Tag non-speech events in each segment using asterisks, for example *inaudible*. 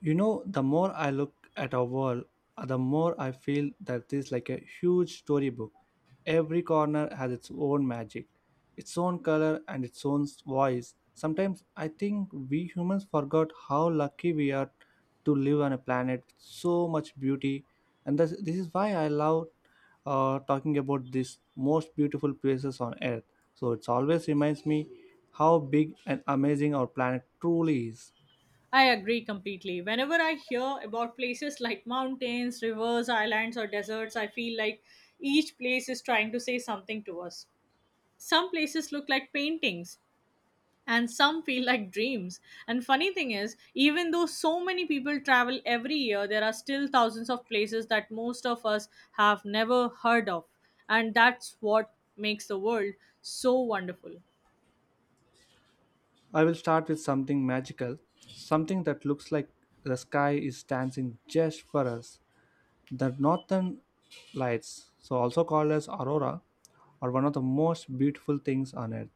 You know, the more I look at our world, the more I feel that this is like a huge storybook. Every corner has its own magic, its own color, and its own voice. Sometimes I think we humans forgot how lucky we are to live on a planet with so much beauty, and this is why I love talking about these most beautiful places on Earth. So it always reminds me how big and amazing our planet truly is. I agree completely. Whenever I hear about places like mountains, rivers, islands, or deserts, I feel like each place is trying to say something to us. Some places look like paintings, and some *laughs* feel like dreams. And funny thing is, even though so many people travel every year, there are still thousands of places that most of us have never heard of. And that's what makes the world so wonderful. I will start with something magical, something that looks like the sky is dancing just for us. The northern lights, so also called as aurora, are one of the most beautiful things on earth.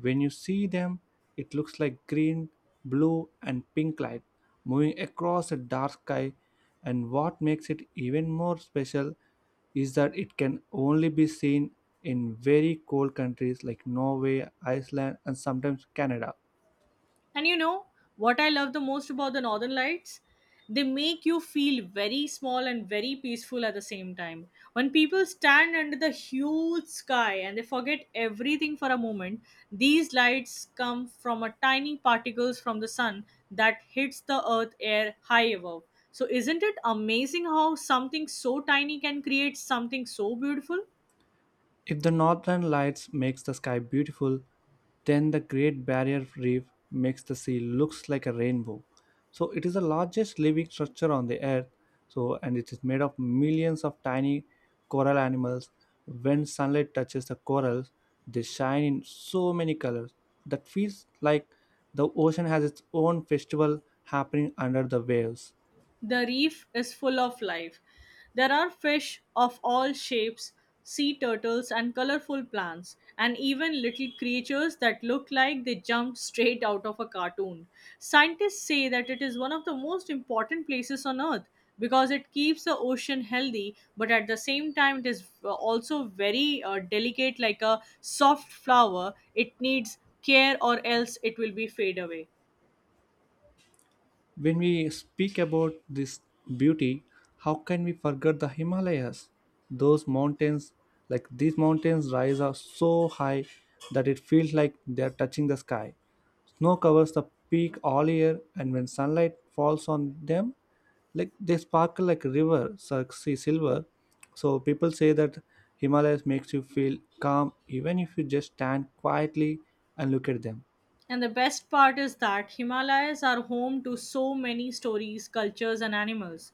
When you see them, it looks like green, blue, and pink light moving across a dark sky. And what makes it even more special is that it can only be seen in very cold countries like Norway, Iceland, and sometimes Canada. And you know what I love the most about the Northern Lights? They make you feel very small and very peaceful at the same time. When people stand under the huge sky and they forget everything for a moment, these lights come from a tiny particles from the sun that hits the earth air high above. So isn't it amazing how something so tiny can create something so beautiful? If the northern lights makes the sky beautiful, then the Great Barrier Reef makes the sea looks like a rainbow. So it is the largest living structure on the earth. So and it is made of millions of tiny coral animals. When sunlight touches the corals, they shine in so many colors that feels like the ocean has its own festival happening under the waves. The reef is full of life. There are fish of all shapes, sea turtles, and colorful plants, and even little creatures that look like they jumped straight out of a cartoon. Scientists say that it is one of the most important places on Earth because it keeps the ocean healthy, but at the same time, it is also very delicate, like a soft flower. It needs care, or else it will be fade away. When we speak about this beauty, how can we forget the Himalayas? Those mountains, like these mountains, rise up so high that it feels like they are touching the sky. Snow covers the peak all year, and when sunlight falls on them, like they sparkle like a river, see silver. So people say that Himalayas makes you feel calm even if you just stand quietly and look at them. And the best part is that Himalayas are home to so many stories, cultures, and animals.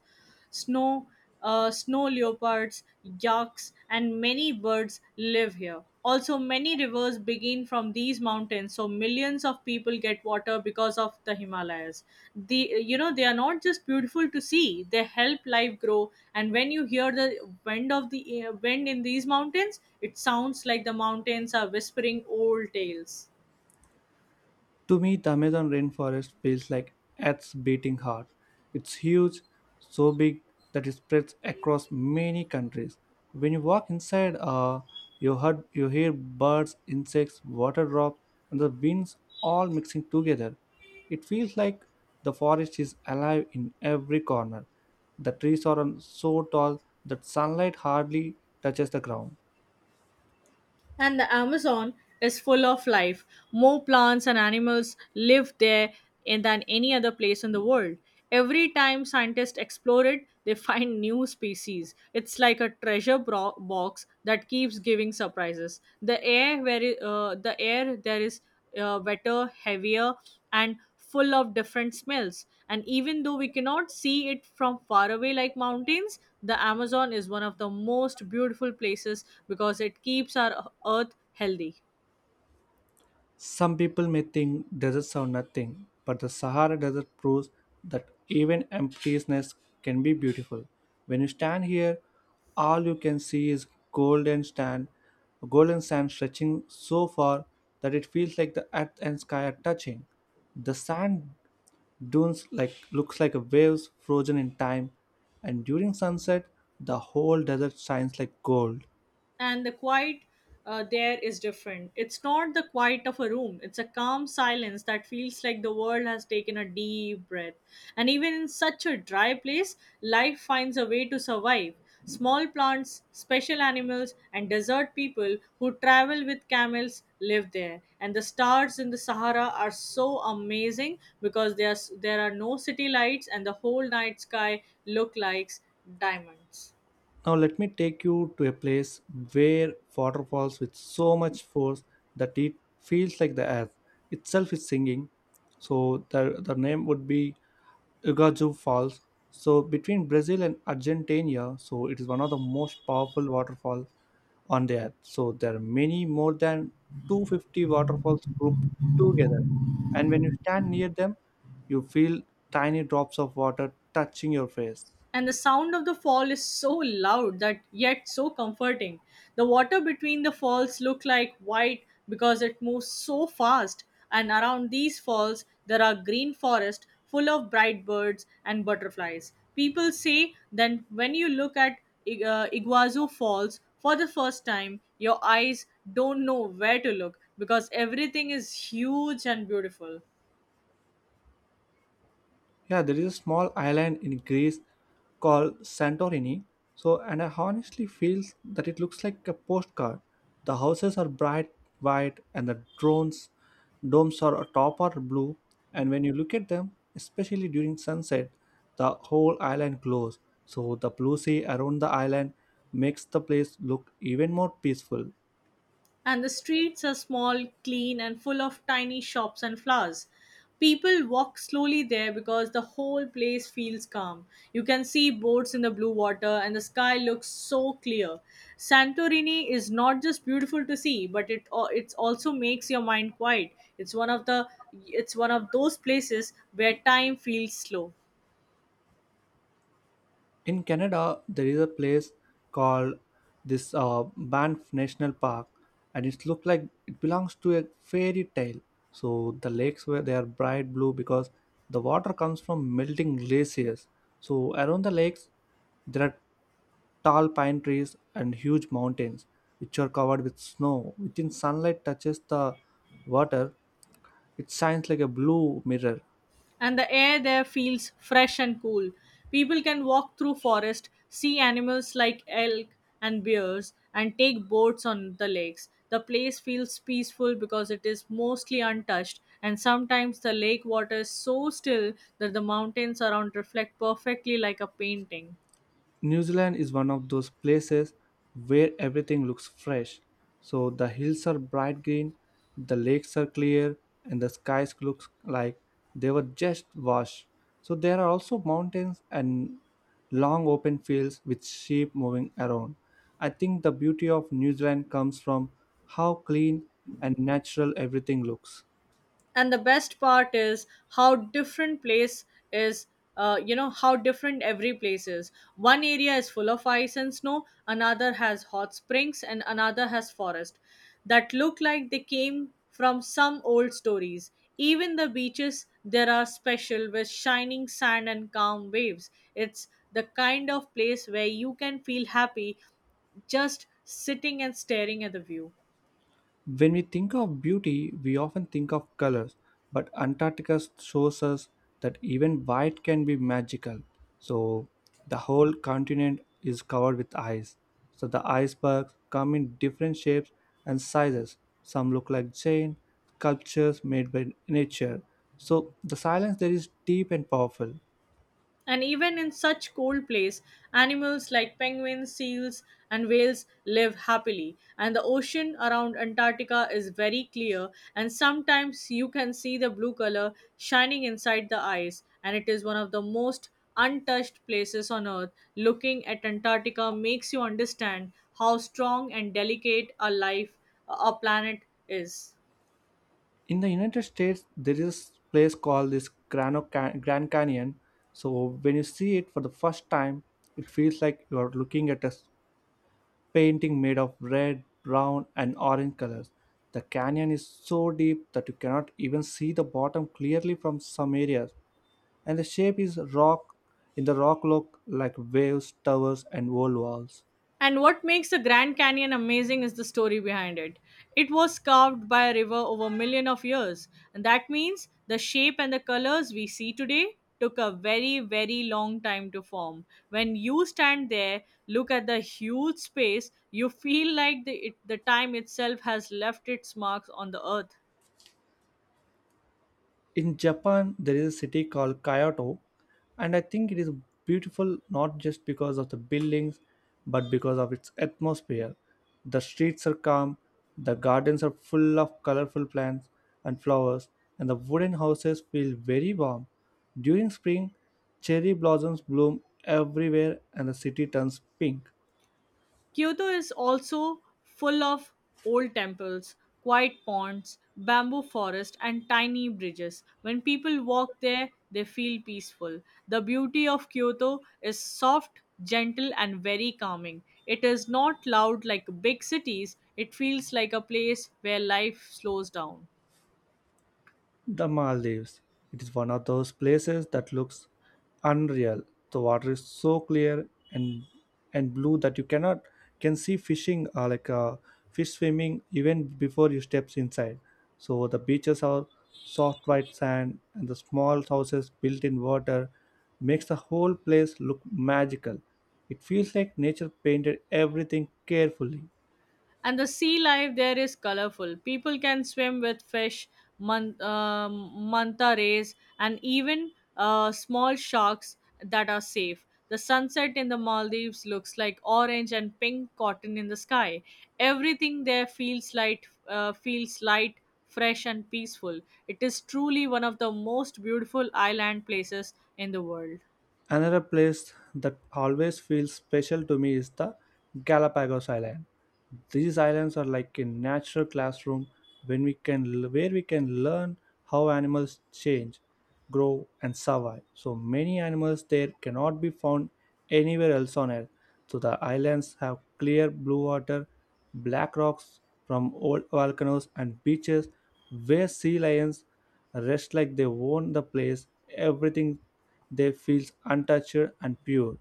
Snow, snow leopards, yaks, and many birds live here. Also, many rivers begin from these mountains, so millions of people get water because of the Himalayas. The you know they are not just beautiful to see; they help life grow. And when you hear the wind of the wind in these mountains, it sounds like the mountains are whispering old tales. To me, the Amazon rainforest feels like Earth's beating heart. It's huge, so big that it spreads across many countries. When you walk inside, you hear birds, insects, water drops, and the winds all mixing together. It feels like the forest is alive in every corner. The trees are so tall that sunlight hardly touches the ground. And the Amazon is full of life. More plants and animals live there than any other place in the world. Every time scientists explore it, they find new species. It's like a treasure box that keeps giving surprises. The air there is wetter, heavier, and full of different smells. And even though we cannot see it from far away like mountains, the Amazon is one of the most beautiful places because it keeps our earth healthy. Some people may think deserts are nothing, but the Sahara Desert proves that even emptiness can be beautiful. When you stand here, all you can see is golden sand stretching so far that it feels like the earth and sky are touching. The sand dunes like looks like waves frozen in time, and during sunset, the whole desert shines like gold. And the quiet there is different. It's not the quiet of a room, it's a calm silence that feels like the world has taken a deep breath. And even in such a dry place, life finds a way to survive. Small plants, special animals, and desert people who travel with camels live there. And the stars in the Sahara are so amazing because there are no city lights and the whole night sky look like diamonds. Now let me take you to a place where water falls with so much force that it feels like the earth itself is singing. So the name would be Ugaju Falls. So between Brazil and Argentina, so it is one of the most powerful waterfall on the earth. So there are many more than 250 waterfalls grouped together. And when you stand near them, you feel tiny drops of water touching your face. And the sound of the fall is so loud that yet so comforting. The water between the falls look like white because it moves so fast, and around these falls there are green forests full of bright birds and butterflies. People say that when you look at Iguazu Falls for the first time, your eyes don't know where to look because everything is huge and beautiful. Yeah, there is a small island in Greece called Santorini. So, and I honestly feel that it looks like a postcard. The houses are bright white, and the drones domes are top or blue. And when you look at them, especially during sunset, the whole island glows. So the blue sea around the island makes the place look even more peaceful. And the streets are small, clean, and full of tiny shops and flowers. People walk slowly there because the whole place feels calm. You can see boats in the blue water, and the sky looks so clear. Santorini is not just beautiful to see, but it also makes your mind quiet. It's one of the it's one of those places where time feels slow. In Canada, there is a place called this Banff National Park, and it looks like it belongs to a fairy tale. So the lakes where they are bright blue because the water comes from melting glaciers. So around the lakes, there are tall pine trees and huge mountains which are covered with snow. Within sunlight touches the water, it shines like a blue mirror. And the air there feels fresh and cool. People can walk through forest, see animals like elk and bears, and take boats on the lakes. The place feels peaceful because it is mostly untouched, and sometimes the lake water is so still that the mountains around reflect perfectly like a painting. New Zealand is one of those places where everything looks fresh. So the hills are bright green, the lakes are clear, and the skies look like they were just washed. So there are also mountains and long open fields with sheep moving around. I think the beauty of New Zealand comes from how clean and natural everything looks. And the best part is how different place is you know how different every place is, one area is full of ice and snow, another has hot springs and another has forest that look like they came from some old stories. Even the beaches there are special with shining sand and calm waves. It's the kind of place where you can feel happy just sitting and staring at the view. When we think of beauty, we often think of colors, but Antarctica shows us that even white can be magical. So, the whole continent is covered with ice. So, the icebergs come in different shapes and sizes. Some look like giant sculptures made by nature. So, the silence there is deep and powerful. And even in such cold place, animals like penguins, seals, and whales live happily. And the ocean around Antarctica is very clear, and sometimes you can see the blue color shining inside the ice. And it is one of the most untouched places on earth. Looking at Antarctica makes you understand how strong and delicate a life, a planet is. In the United States there is this place called this Grand Canyon. So when you see it for the first time it feels like you are looking at a painting made of red brown and orange colors. The canyon is so deep that you cannot even see the bottom clearly from some areas, and the shape is rock in the rock look like waves, towers and old walls. And what makes the Grand Canyon amazing is the story behind it. It was carved by a river over a million of years, and that means the shape and the colors we see today took a very, very long time to form. When you stand there, look at the huge space, you feel like the time itself has left its marks on the earth. In Japan, there is a city called Kyoto, and I think it is beautiful not just because of the buildings, but because of its atmosphere. The streets are calm, the gardens are full of colorful plants and flowers, and the wooden houses feel very warm. During spring, cherry blossoms bloom everywhere, and the city turns pink. Kyoto is also full of old temples, quiet ponds, bamboo forest, and tiny bridges. When people walk there, they feel peaceful. The beauty of Kyoto is soft, gentle, and very calming. It is not loud like big cities, it feels like a place where life slows down. The Maldives. It is one of those places that looks unreal. The water is so clear and blue that you cannot can see fishing like fish swimming even before you steps inside. So the beaches are soft white sand and the small houses built in water makes the whole place look magical. It feels like nature painted everything carefully. And the sea life there is colorful. People can swim with fish, man- um, manta rays and even small sharks that are safe. The sunset in the Maldives looks like orange and pink cotton in the sky. Everything there feels light feels light, fresh and peaceful. It is truly one of the most beautiful island places in the world. Another place that always feels special to me is the Galapagos Island. These islands are like a natural classroom when we can where we can learn how animals change, grow and survive. So many animals there cannot be found anywhere else on earth. So the islands have clear blue water, black rocks from old volcanoes and beaches where sea lions rest like they own the place. Everything they feel untouched and pure.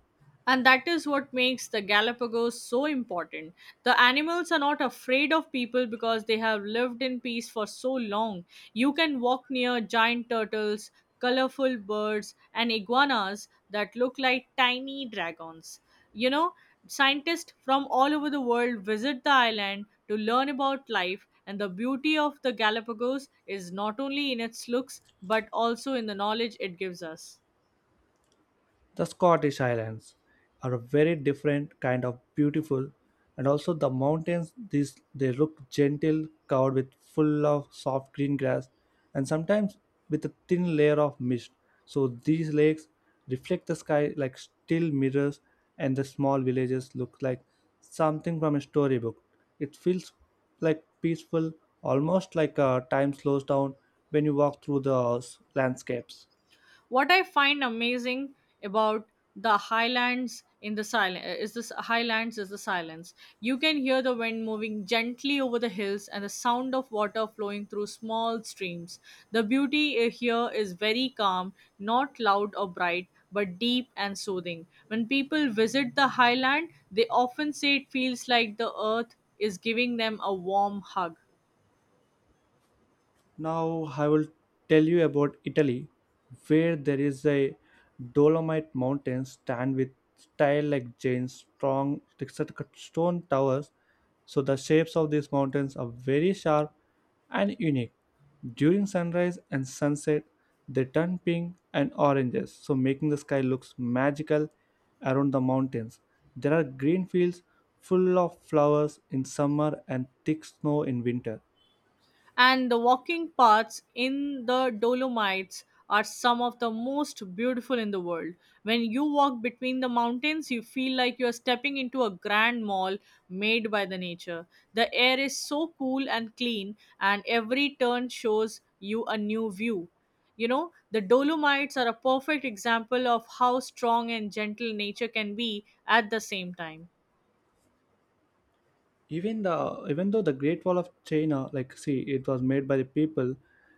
And that is what makes the Galapagos so important. The animals are not afraid of people because they have lived in peace for so long. You can walk near giant turtles, colorful birds, and iguanas that look like tiny dragons. You know, scientists from all over the world visit the island to learn about life, and the beauty of the Galapagos is not only in its looks but also in the knowledge it gives us. The Scottish Highlands are a very different kind of beautiful, and also the mountains these they look gentle, covered with full of soft green grass, and sometimes with a thin layer of mist. So these lakes reflect the sky like still mirrors, and the small villages look like something from a storybook. It feels like peaceful, almost like time slows down when you walk through the landscapes. What I find amazing about the highlands in the silence is this highlands is the silence. You can hear the wind moving gently over the hills and the sound of water flowing through small streams. The beauty here is very calm, not loud or bright, but deep and soothing. When people visit the highland, they often say it feels like the earth is giving them a warm hug. Now I will tell you about Italy, where there is a Dolomite mountain stand with style like Jane's strong textured cut stone towers. So the shapes of these mountains are very sharp and unique. During sunrise and sunset, they turn pink and oranges, so making the sky looks magical around the mountains. There are green fields full of flowers in summer and thick snow in winter. And the walking paths in the Dolomites are some of the most beautiful in the world. When you walk between the mountains, you feel like you are stepping into a grand mall made by the nature. The air is so cool and clean, and every turn shows you a new view. You know, the Dolomites are a perfect example of how strong and gentle nature can be at the same time. Even though the Great Wall of China like see it was made by the people,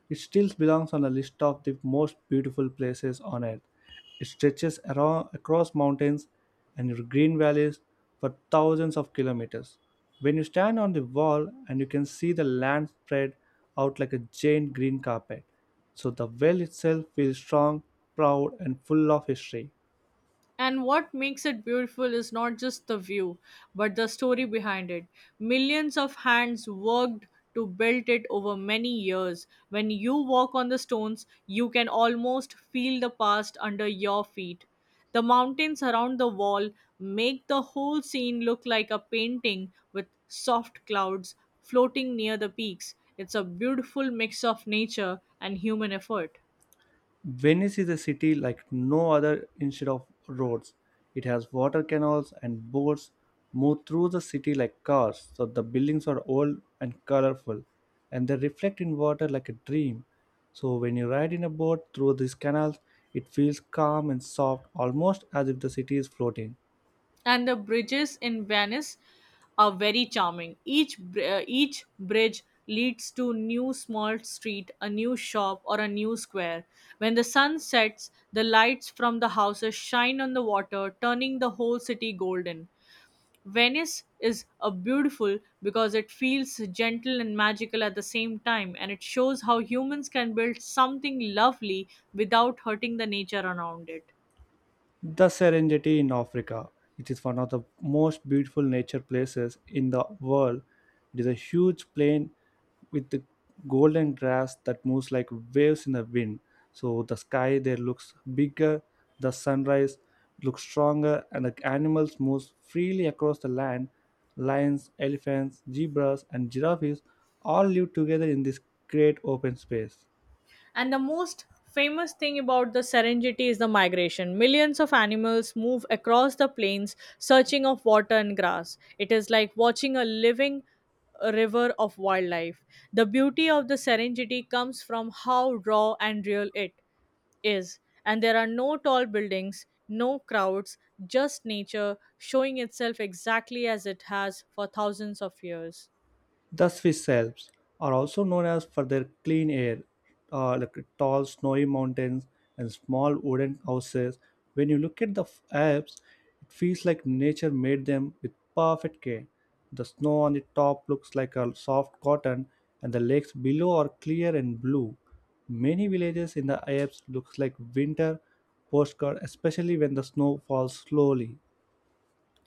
it still belongs on the list of the most beautiful places on earth. It stretches around across mountains and green valleys for thousands of kilometers. When you stand on the wall and you can see the land spread out like a giant green carpet, so the well itself feels strong, proud and full of history. And what makes it beautiful is not just the view, but the story behind it. Millions of hands worked to build it over many years. When you walk on the stones, you can almost feel the past under your feet. The mountains around the wall make the whole scene look like a painting with soft clouds floating near the peaks. It's a beautiful mix of nature and human effort. Venice is a city like no other instead of roads. It has water canals and boats move through the city like cars, so the buildings are old and colorful and they reflect in water like a dream. So when you ride in a boat through these canals, it feels calm and soft, almost as if the city is floating. And the bridges in Venice are very charming. Each bridge leads to new small street, a new shop, or a new square. When the sun sets, the lights from the houses shine on the water, turning the whole city golden. Venice is a beautiful because it feels gentle and magical at the same time, and it shows how humans can build something lovely without hurting the nature around it. The Serengeti in Africa. It is one of the most beautiful nature places in the world. It is a huge plain with the golden grass that moves like waves in the wind. So the sky there looks bigger, the sunrise looks stronger, and the animals move freely across the land. Lions, elephants, zebras, and giraffes all live together in this great open space. And the most famous thing about the Serengeti is the migration. Millions of animals move across the plains searching of water and grass. It is like watching a living river of wildlife. The beauty of the Serengeti comes from how raw and real it is. And there are no tall buildings, no crowds, just nature showing itself exactly as it has for thousands of years. The Swiss Alps are also known as for their clean air, like tall snowy mountains and small wooden houses. When you look at the Alps, it feels like nature made them with perfect care. The snow on the top looks like a soft cotton, and the lakes below are clear and blue. Many villages in the Alps looks like winter postcard, especially when the snow falls slowly.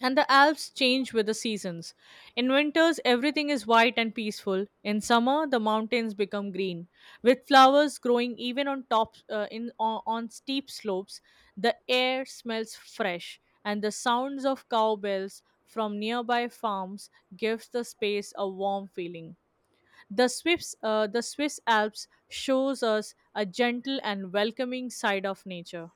And the Alps change with the seasons. In winters, everything is white and peaceful. In summer, the mountains become green, with flowers growing even on top, on steep slopes. The air smells fresh, and the sounds of cowbells from nearby farms gives the space a warm feeling. The Swiss Alps shows us a gentle and welcoming side of nature.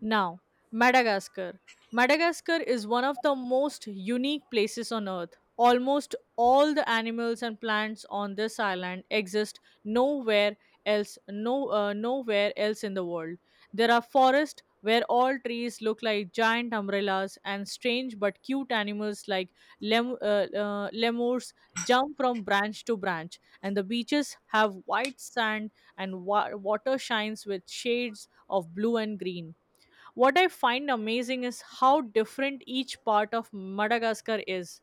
Now, Madagascar. Madagascar is one of the most unique places on earth. Almost all the animals and plants on this island exist nowhere else no nowhere else in the world. There are forests where all trees look like giant umbrellas and strange but cute animals like lemurs jump from branch to branch, and the beaches have white sand and water shines with shades of blue and green. What I find amazing is how different each part of Madagascar is.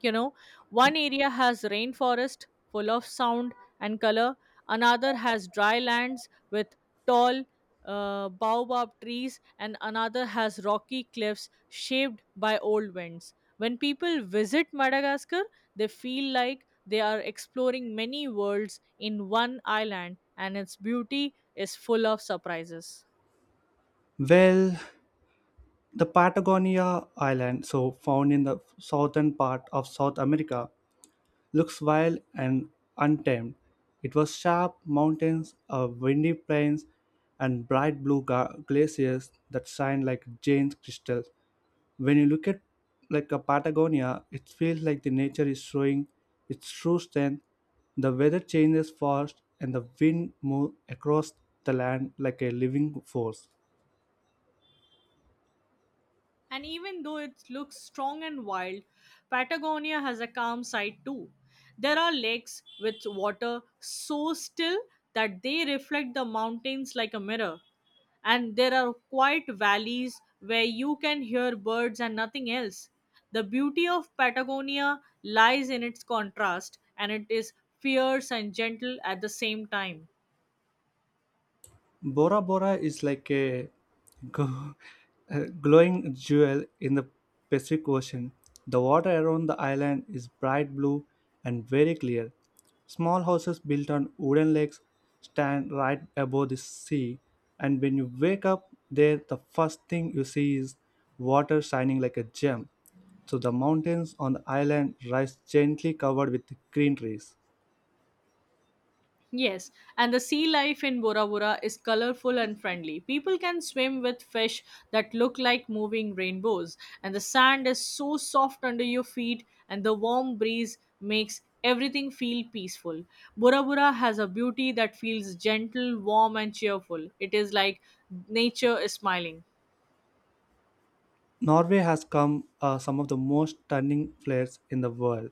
you know One area has rainforest full of sound and color, another has dry lands with tall baobab trees, and another has rocky cliffs shaped by old winds. When people visit Madagascar, they feel like they are exploring many worlds in one island, and its beauty is full of surprises. Well, the Patagonia Island, so found in the southern part of South America, looks wild and untamed. It was sharp mountains, windy plains, and bright blue glaciers that shine like giant crystals. When you look at like a Patagonia, it feels like the nature is showing its true strength. The weather changes fast, and the wind moves across the land like a living force. And even though it looks strong and wild, Patagonia has a calm side too. There are lakes with water so still that they reflect the mountains like a mirror. And there are quiet valleys where you can hear birds and nothing else. The beauty of Patagonia lies in its contrast, and it is fierce and gentle at the same time. Bora Bora is like a *laughs* go- a glowing jewel in the Pacific Ocean. The water around the island is bright blue and very clear. Small houses built on wooden legs stand right above the sea, and when you wake up there, the first thing you see is water shining like a gem. So the mountains on the island rise gently covered with green trees. Yes, and the sea life in Bora Bora is colorful and friendly. People can swim with fish that look like moving rainbows, and the sand is so soft under your feet, and the warm breeze makes everything feel peaceful. Bora Bora has a beauty that feels gentle, warm, and cheerful. It is like nature is smiling. Norway has come some of the most stunning flats in the world.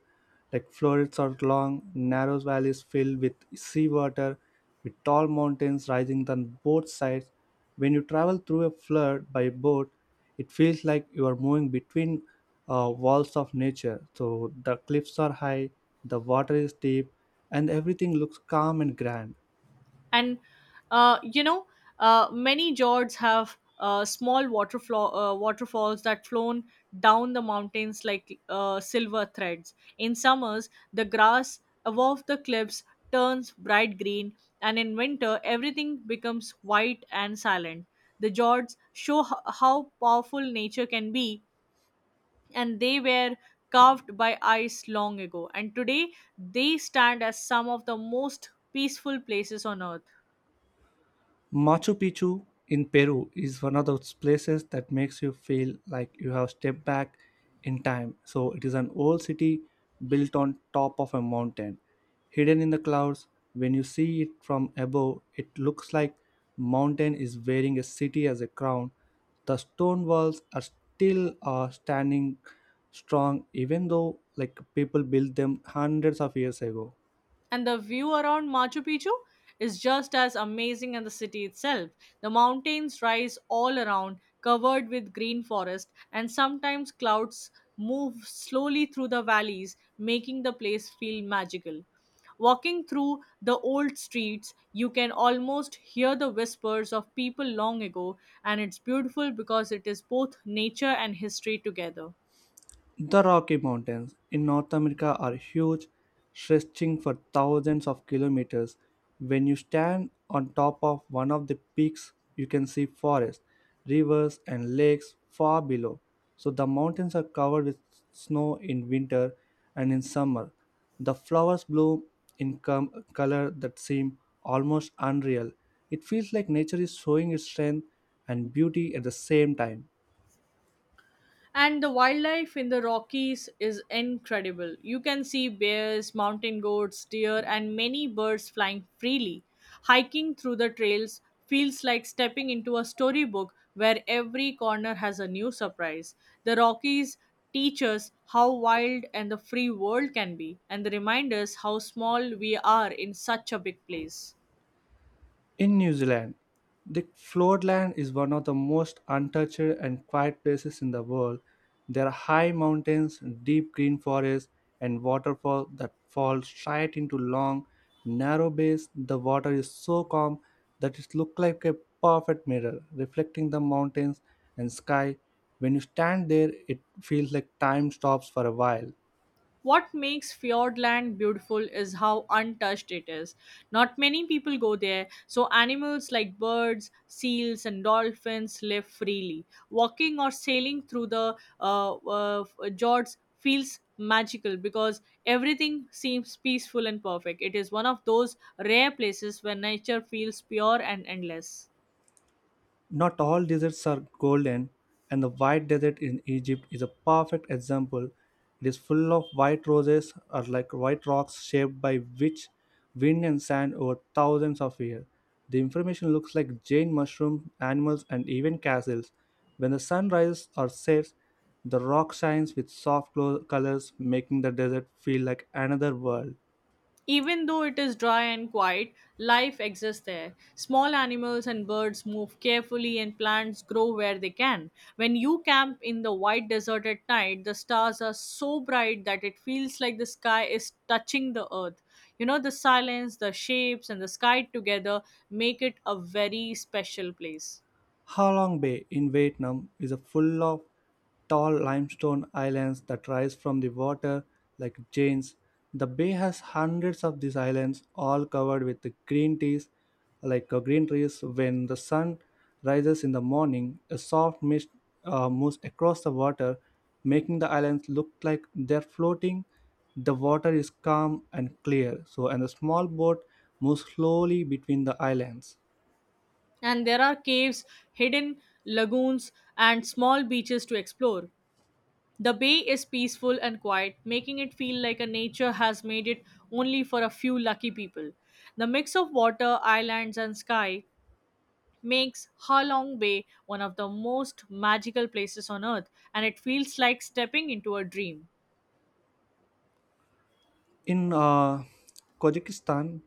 Like florets are long, narrow valleys filled with seawater, with tall mountains rising on both sides. When you travel through a flood by boat, it feels like you are moving between walls of nature. So the cliffs are high, the water is deep, and everything looks calm and grand. And uh, you know many jords have small waterfalls that flown down the mountains like silver threads. In summers, the grass above the cliffs turns bright green, and in winter everything becomes white and silent. The jords show how powerful nature can be, and they were carved by ice long ago, and today they stand as some of the most peaceful places on earth. Machu Picchu in Peru is one of those places that makes you feel like you have stepped back in time. So, it is an old city built on top of a mountain, hidden in the clouds. When you see it from above, it looks like mountain is wearing a city as a crown. The stone walls are still standing strong, even though like people built them hundreds of years ago. And the view around Machu Picchu is just as amazing as the city itself. The mountains rise all around, covered with green forest, and sometimes clouds move slowly through the valleys, making the place feel magical. Walking through the old streets, you can almost hear the whispers of people long ago, and it's beautiful because it is both nature and history together. The Rocky Mountains in North America are huge, stretching for thousands of kilometers. When you stand on top of one of the peaks, you can see forests, rivers, and lakes far below. So the mountains are covered with snow in winter and in summer. The flowers bloom color that seem almost unreal. It feels like nature is showing its strength and beauty at the same time. And the wildlife in the Rockies is incredible. You can see bears, mountain goats, deer, and many birds flying freely. Hiking through the trails feels like stepping into a storybook where every corner has a new surprise. The Rockies teach us how wild and the free world can be, and they remind us how small we are in such a big place. In New Zealand, the floodland is one of the most untouched and quiet places in the world. There are high mountains, deep green forests, and waterfalls that fall straight into long, narrow bays. The water is so calm that it looks like a perfect mirror, reflecting the mountains and sky. When you stand there, it feels like time stops for a while. What makes Fjordland beautiful is how untouched it is. Not many people go there, so animals like birds, seals, and dolphins live freely. Walking or sailing through the fjords feels magical because everything seems peaceful and perfect. It is one of those rare places where nature feels pure and endless. Not all deserts are golden, and the White Desert in Egypt is a perfect example. It is full of white roses, or like white rocks shaped by which wind and sand over thousands of years. The information looks like giant mushrooms, animals, and even castles. When the sun rises or sets, the rock shines with soft colors, making the desert feel like another world. Even though it is dry and quiet, life exists there. Small animals and birds move carefully, and plants grow where they can. When you camp in the white desert at night, the stars are so bright that it feels like the sky is touching the earth. You know, the silence, the shapes, and the sky together make it a very special place. Ha Long Bay in Vietnam is full of tall limestone islands that rise from the water like giants. The bay has hundreds of these islands, all covered with the green trees, like green trees. When the sun rises in the morning, a soft mist moves across the water, making the islands look like they're floating. The water is calm and clear, so and a small boat moves slowly between the islands. And there are caves, hidden lagoons, and small beaches to explore. The bay is peaceful and quiet, making it feel like a nature has made it only for a few lucky people. The mix of water, islands, and sky makes Ha Long Bay one of the most magical places on earth, and it feels like stepping into a dream. In Kazakhstan,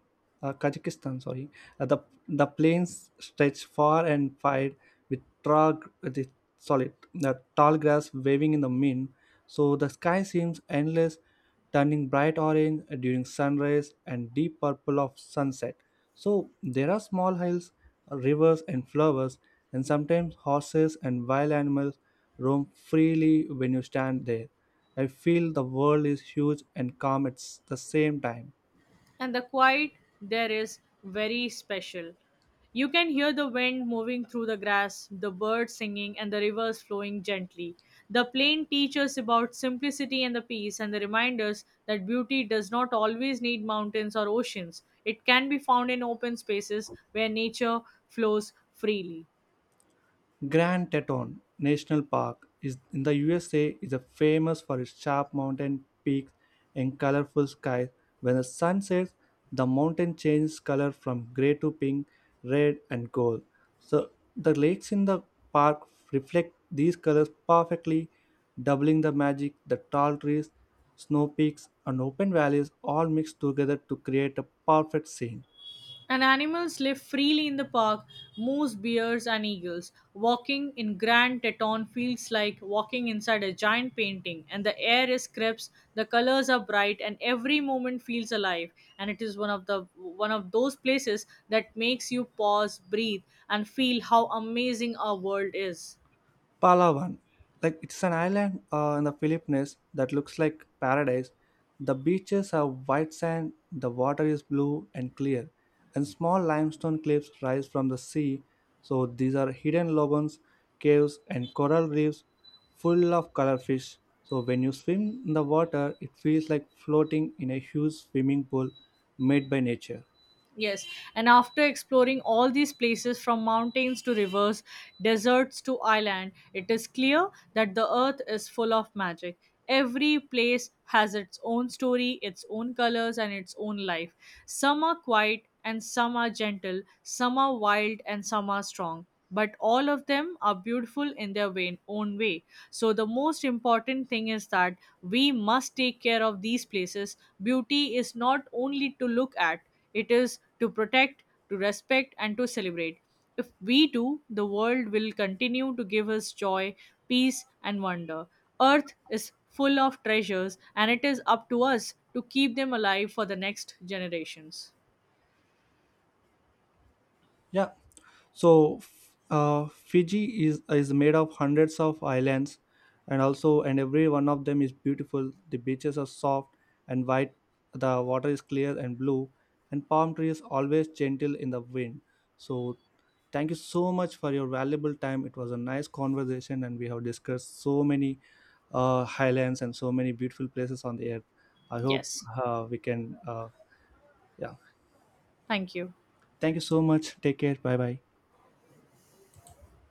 Kazakhstan, sorry, uh, the the plains stretch far and wide with tall grass waving in the wind. So the sky seems endless, turning bright orange during sunrise and deep purple of sunset. So there are small hills, rivers, and flowers, and sometimes horses and wild animals roam freely when you stand there. I feel the world is huge and calm at the same time. And the quiet there is very special. You can hear the wind moving through the grass, the birds singing, and the rivers flowing gently. The plain teaches about simplicity and the peace, and the reminders that beauty does not always need mountains or oceans. It can be found in open spaces where nature flows freely. Grand Teton National Park is in the USA is a famous for its sharp mountain peaks and colorful skies. When the sun sets, the mountain changes color from gray to pink, red, and gold. So the lakes in the park reflect these colors perfectly, doubling the magic. The tall trees, snow peaks, and open valleys all mix together to create a perfect scene. And animals live freely in the park: moose, bears, and eagles. Walking in Grand Teton feels like walking inside a giant painting, and the air is crisp, the colors are bright, and every moment feels alive. And it is one of those places that makes you pause, breathe, and feel how amazing our world is. Palawan, like it's an island in the Philippines that looks like paradise. The beaches are white sand, the water is blue and clear, and small limestone cliffs rise from the sea. So these are hidden lagoons, caves, and coral reefs full of color fish. So when you swim in the water, it feels like floating in a huge swimming pool made by nature. Yes, and after exploring all these places from mountains to rivers, deserts to island, it is clear that the earth is full of magic. Every place has its own story, its own colors, and its own life. Some are quiet and some are gentle, some are wild and some are strong, but all of them are beautiful in own way. So, the most important thing is that we must take care of these places. Beauty is not only to look at, it is to protect, to respect, and to celebrate. If we do, the world will continue to give us joy, peace, and wonder. Earth is full of treasures, and it is up to us to keep them alive for the next generations. Yeah. So, Fiji is made of hundreds of islands, and also and every one of them is beautiful. The beaches are soft and white. The water is clear and blue, and palm trees always gentle in the wind. So, thank you so much for your valuable time. It was a nice conversation, and we have discussed so many highlands and so many beautiful places on the earth. I hope Yes. We can. Yeah. Thank you. Thank you so much. Take care. Bye bye.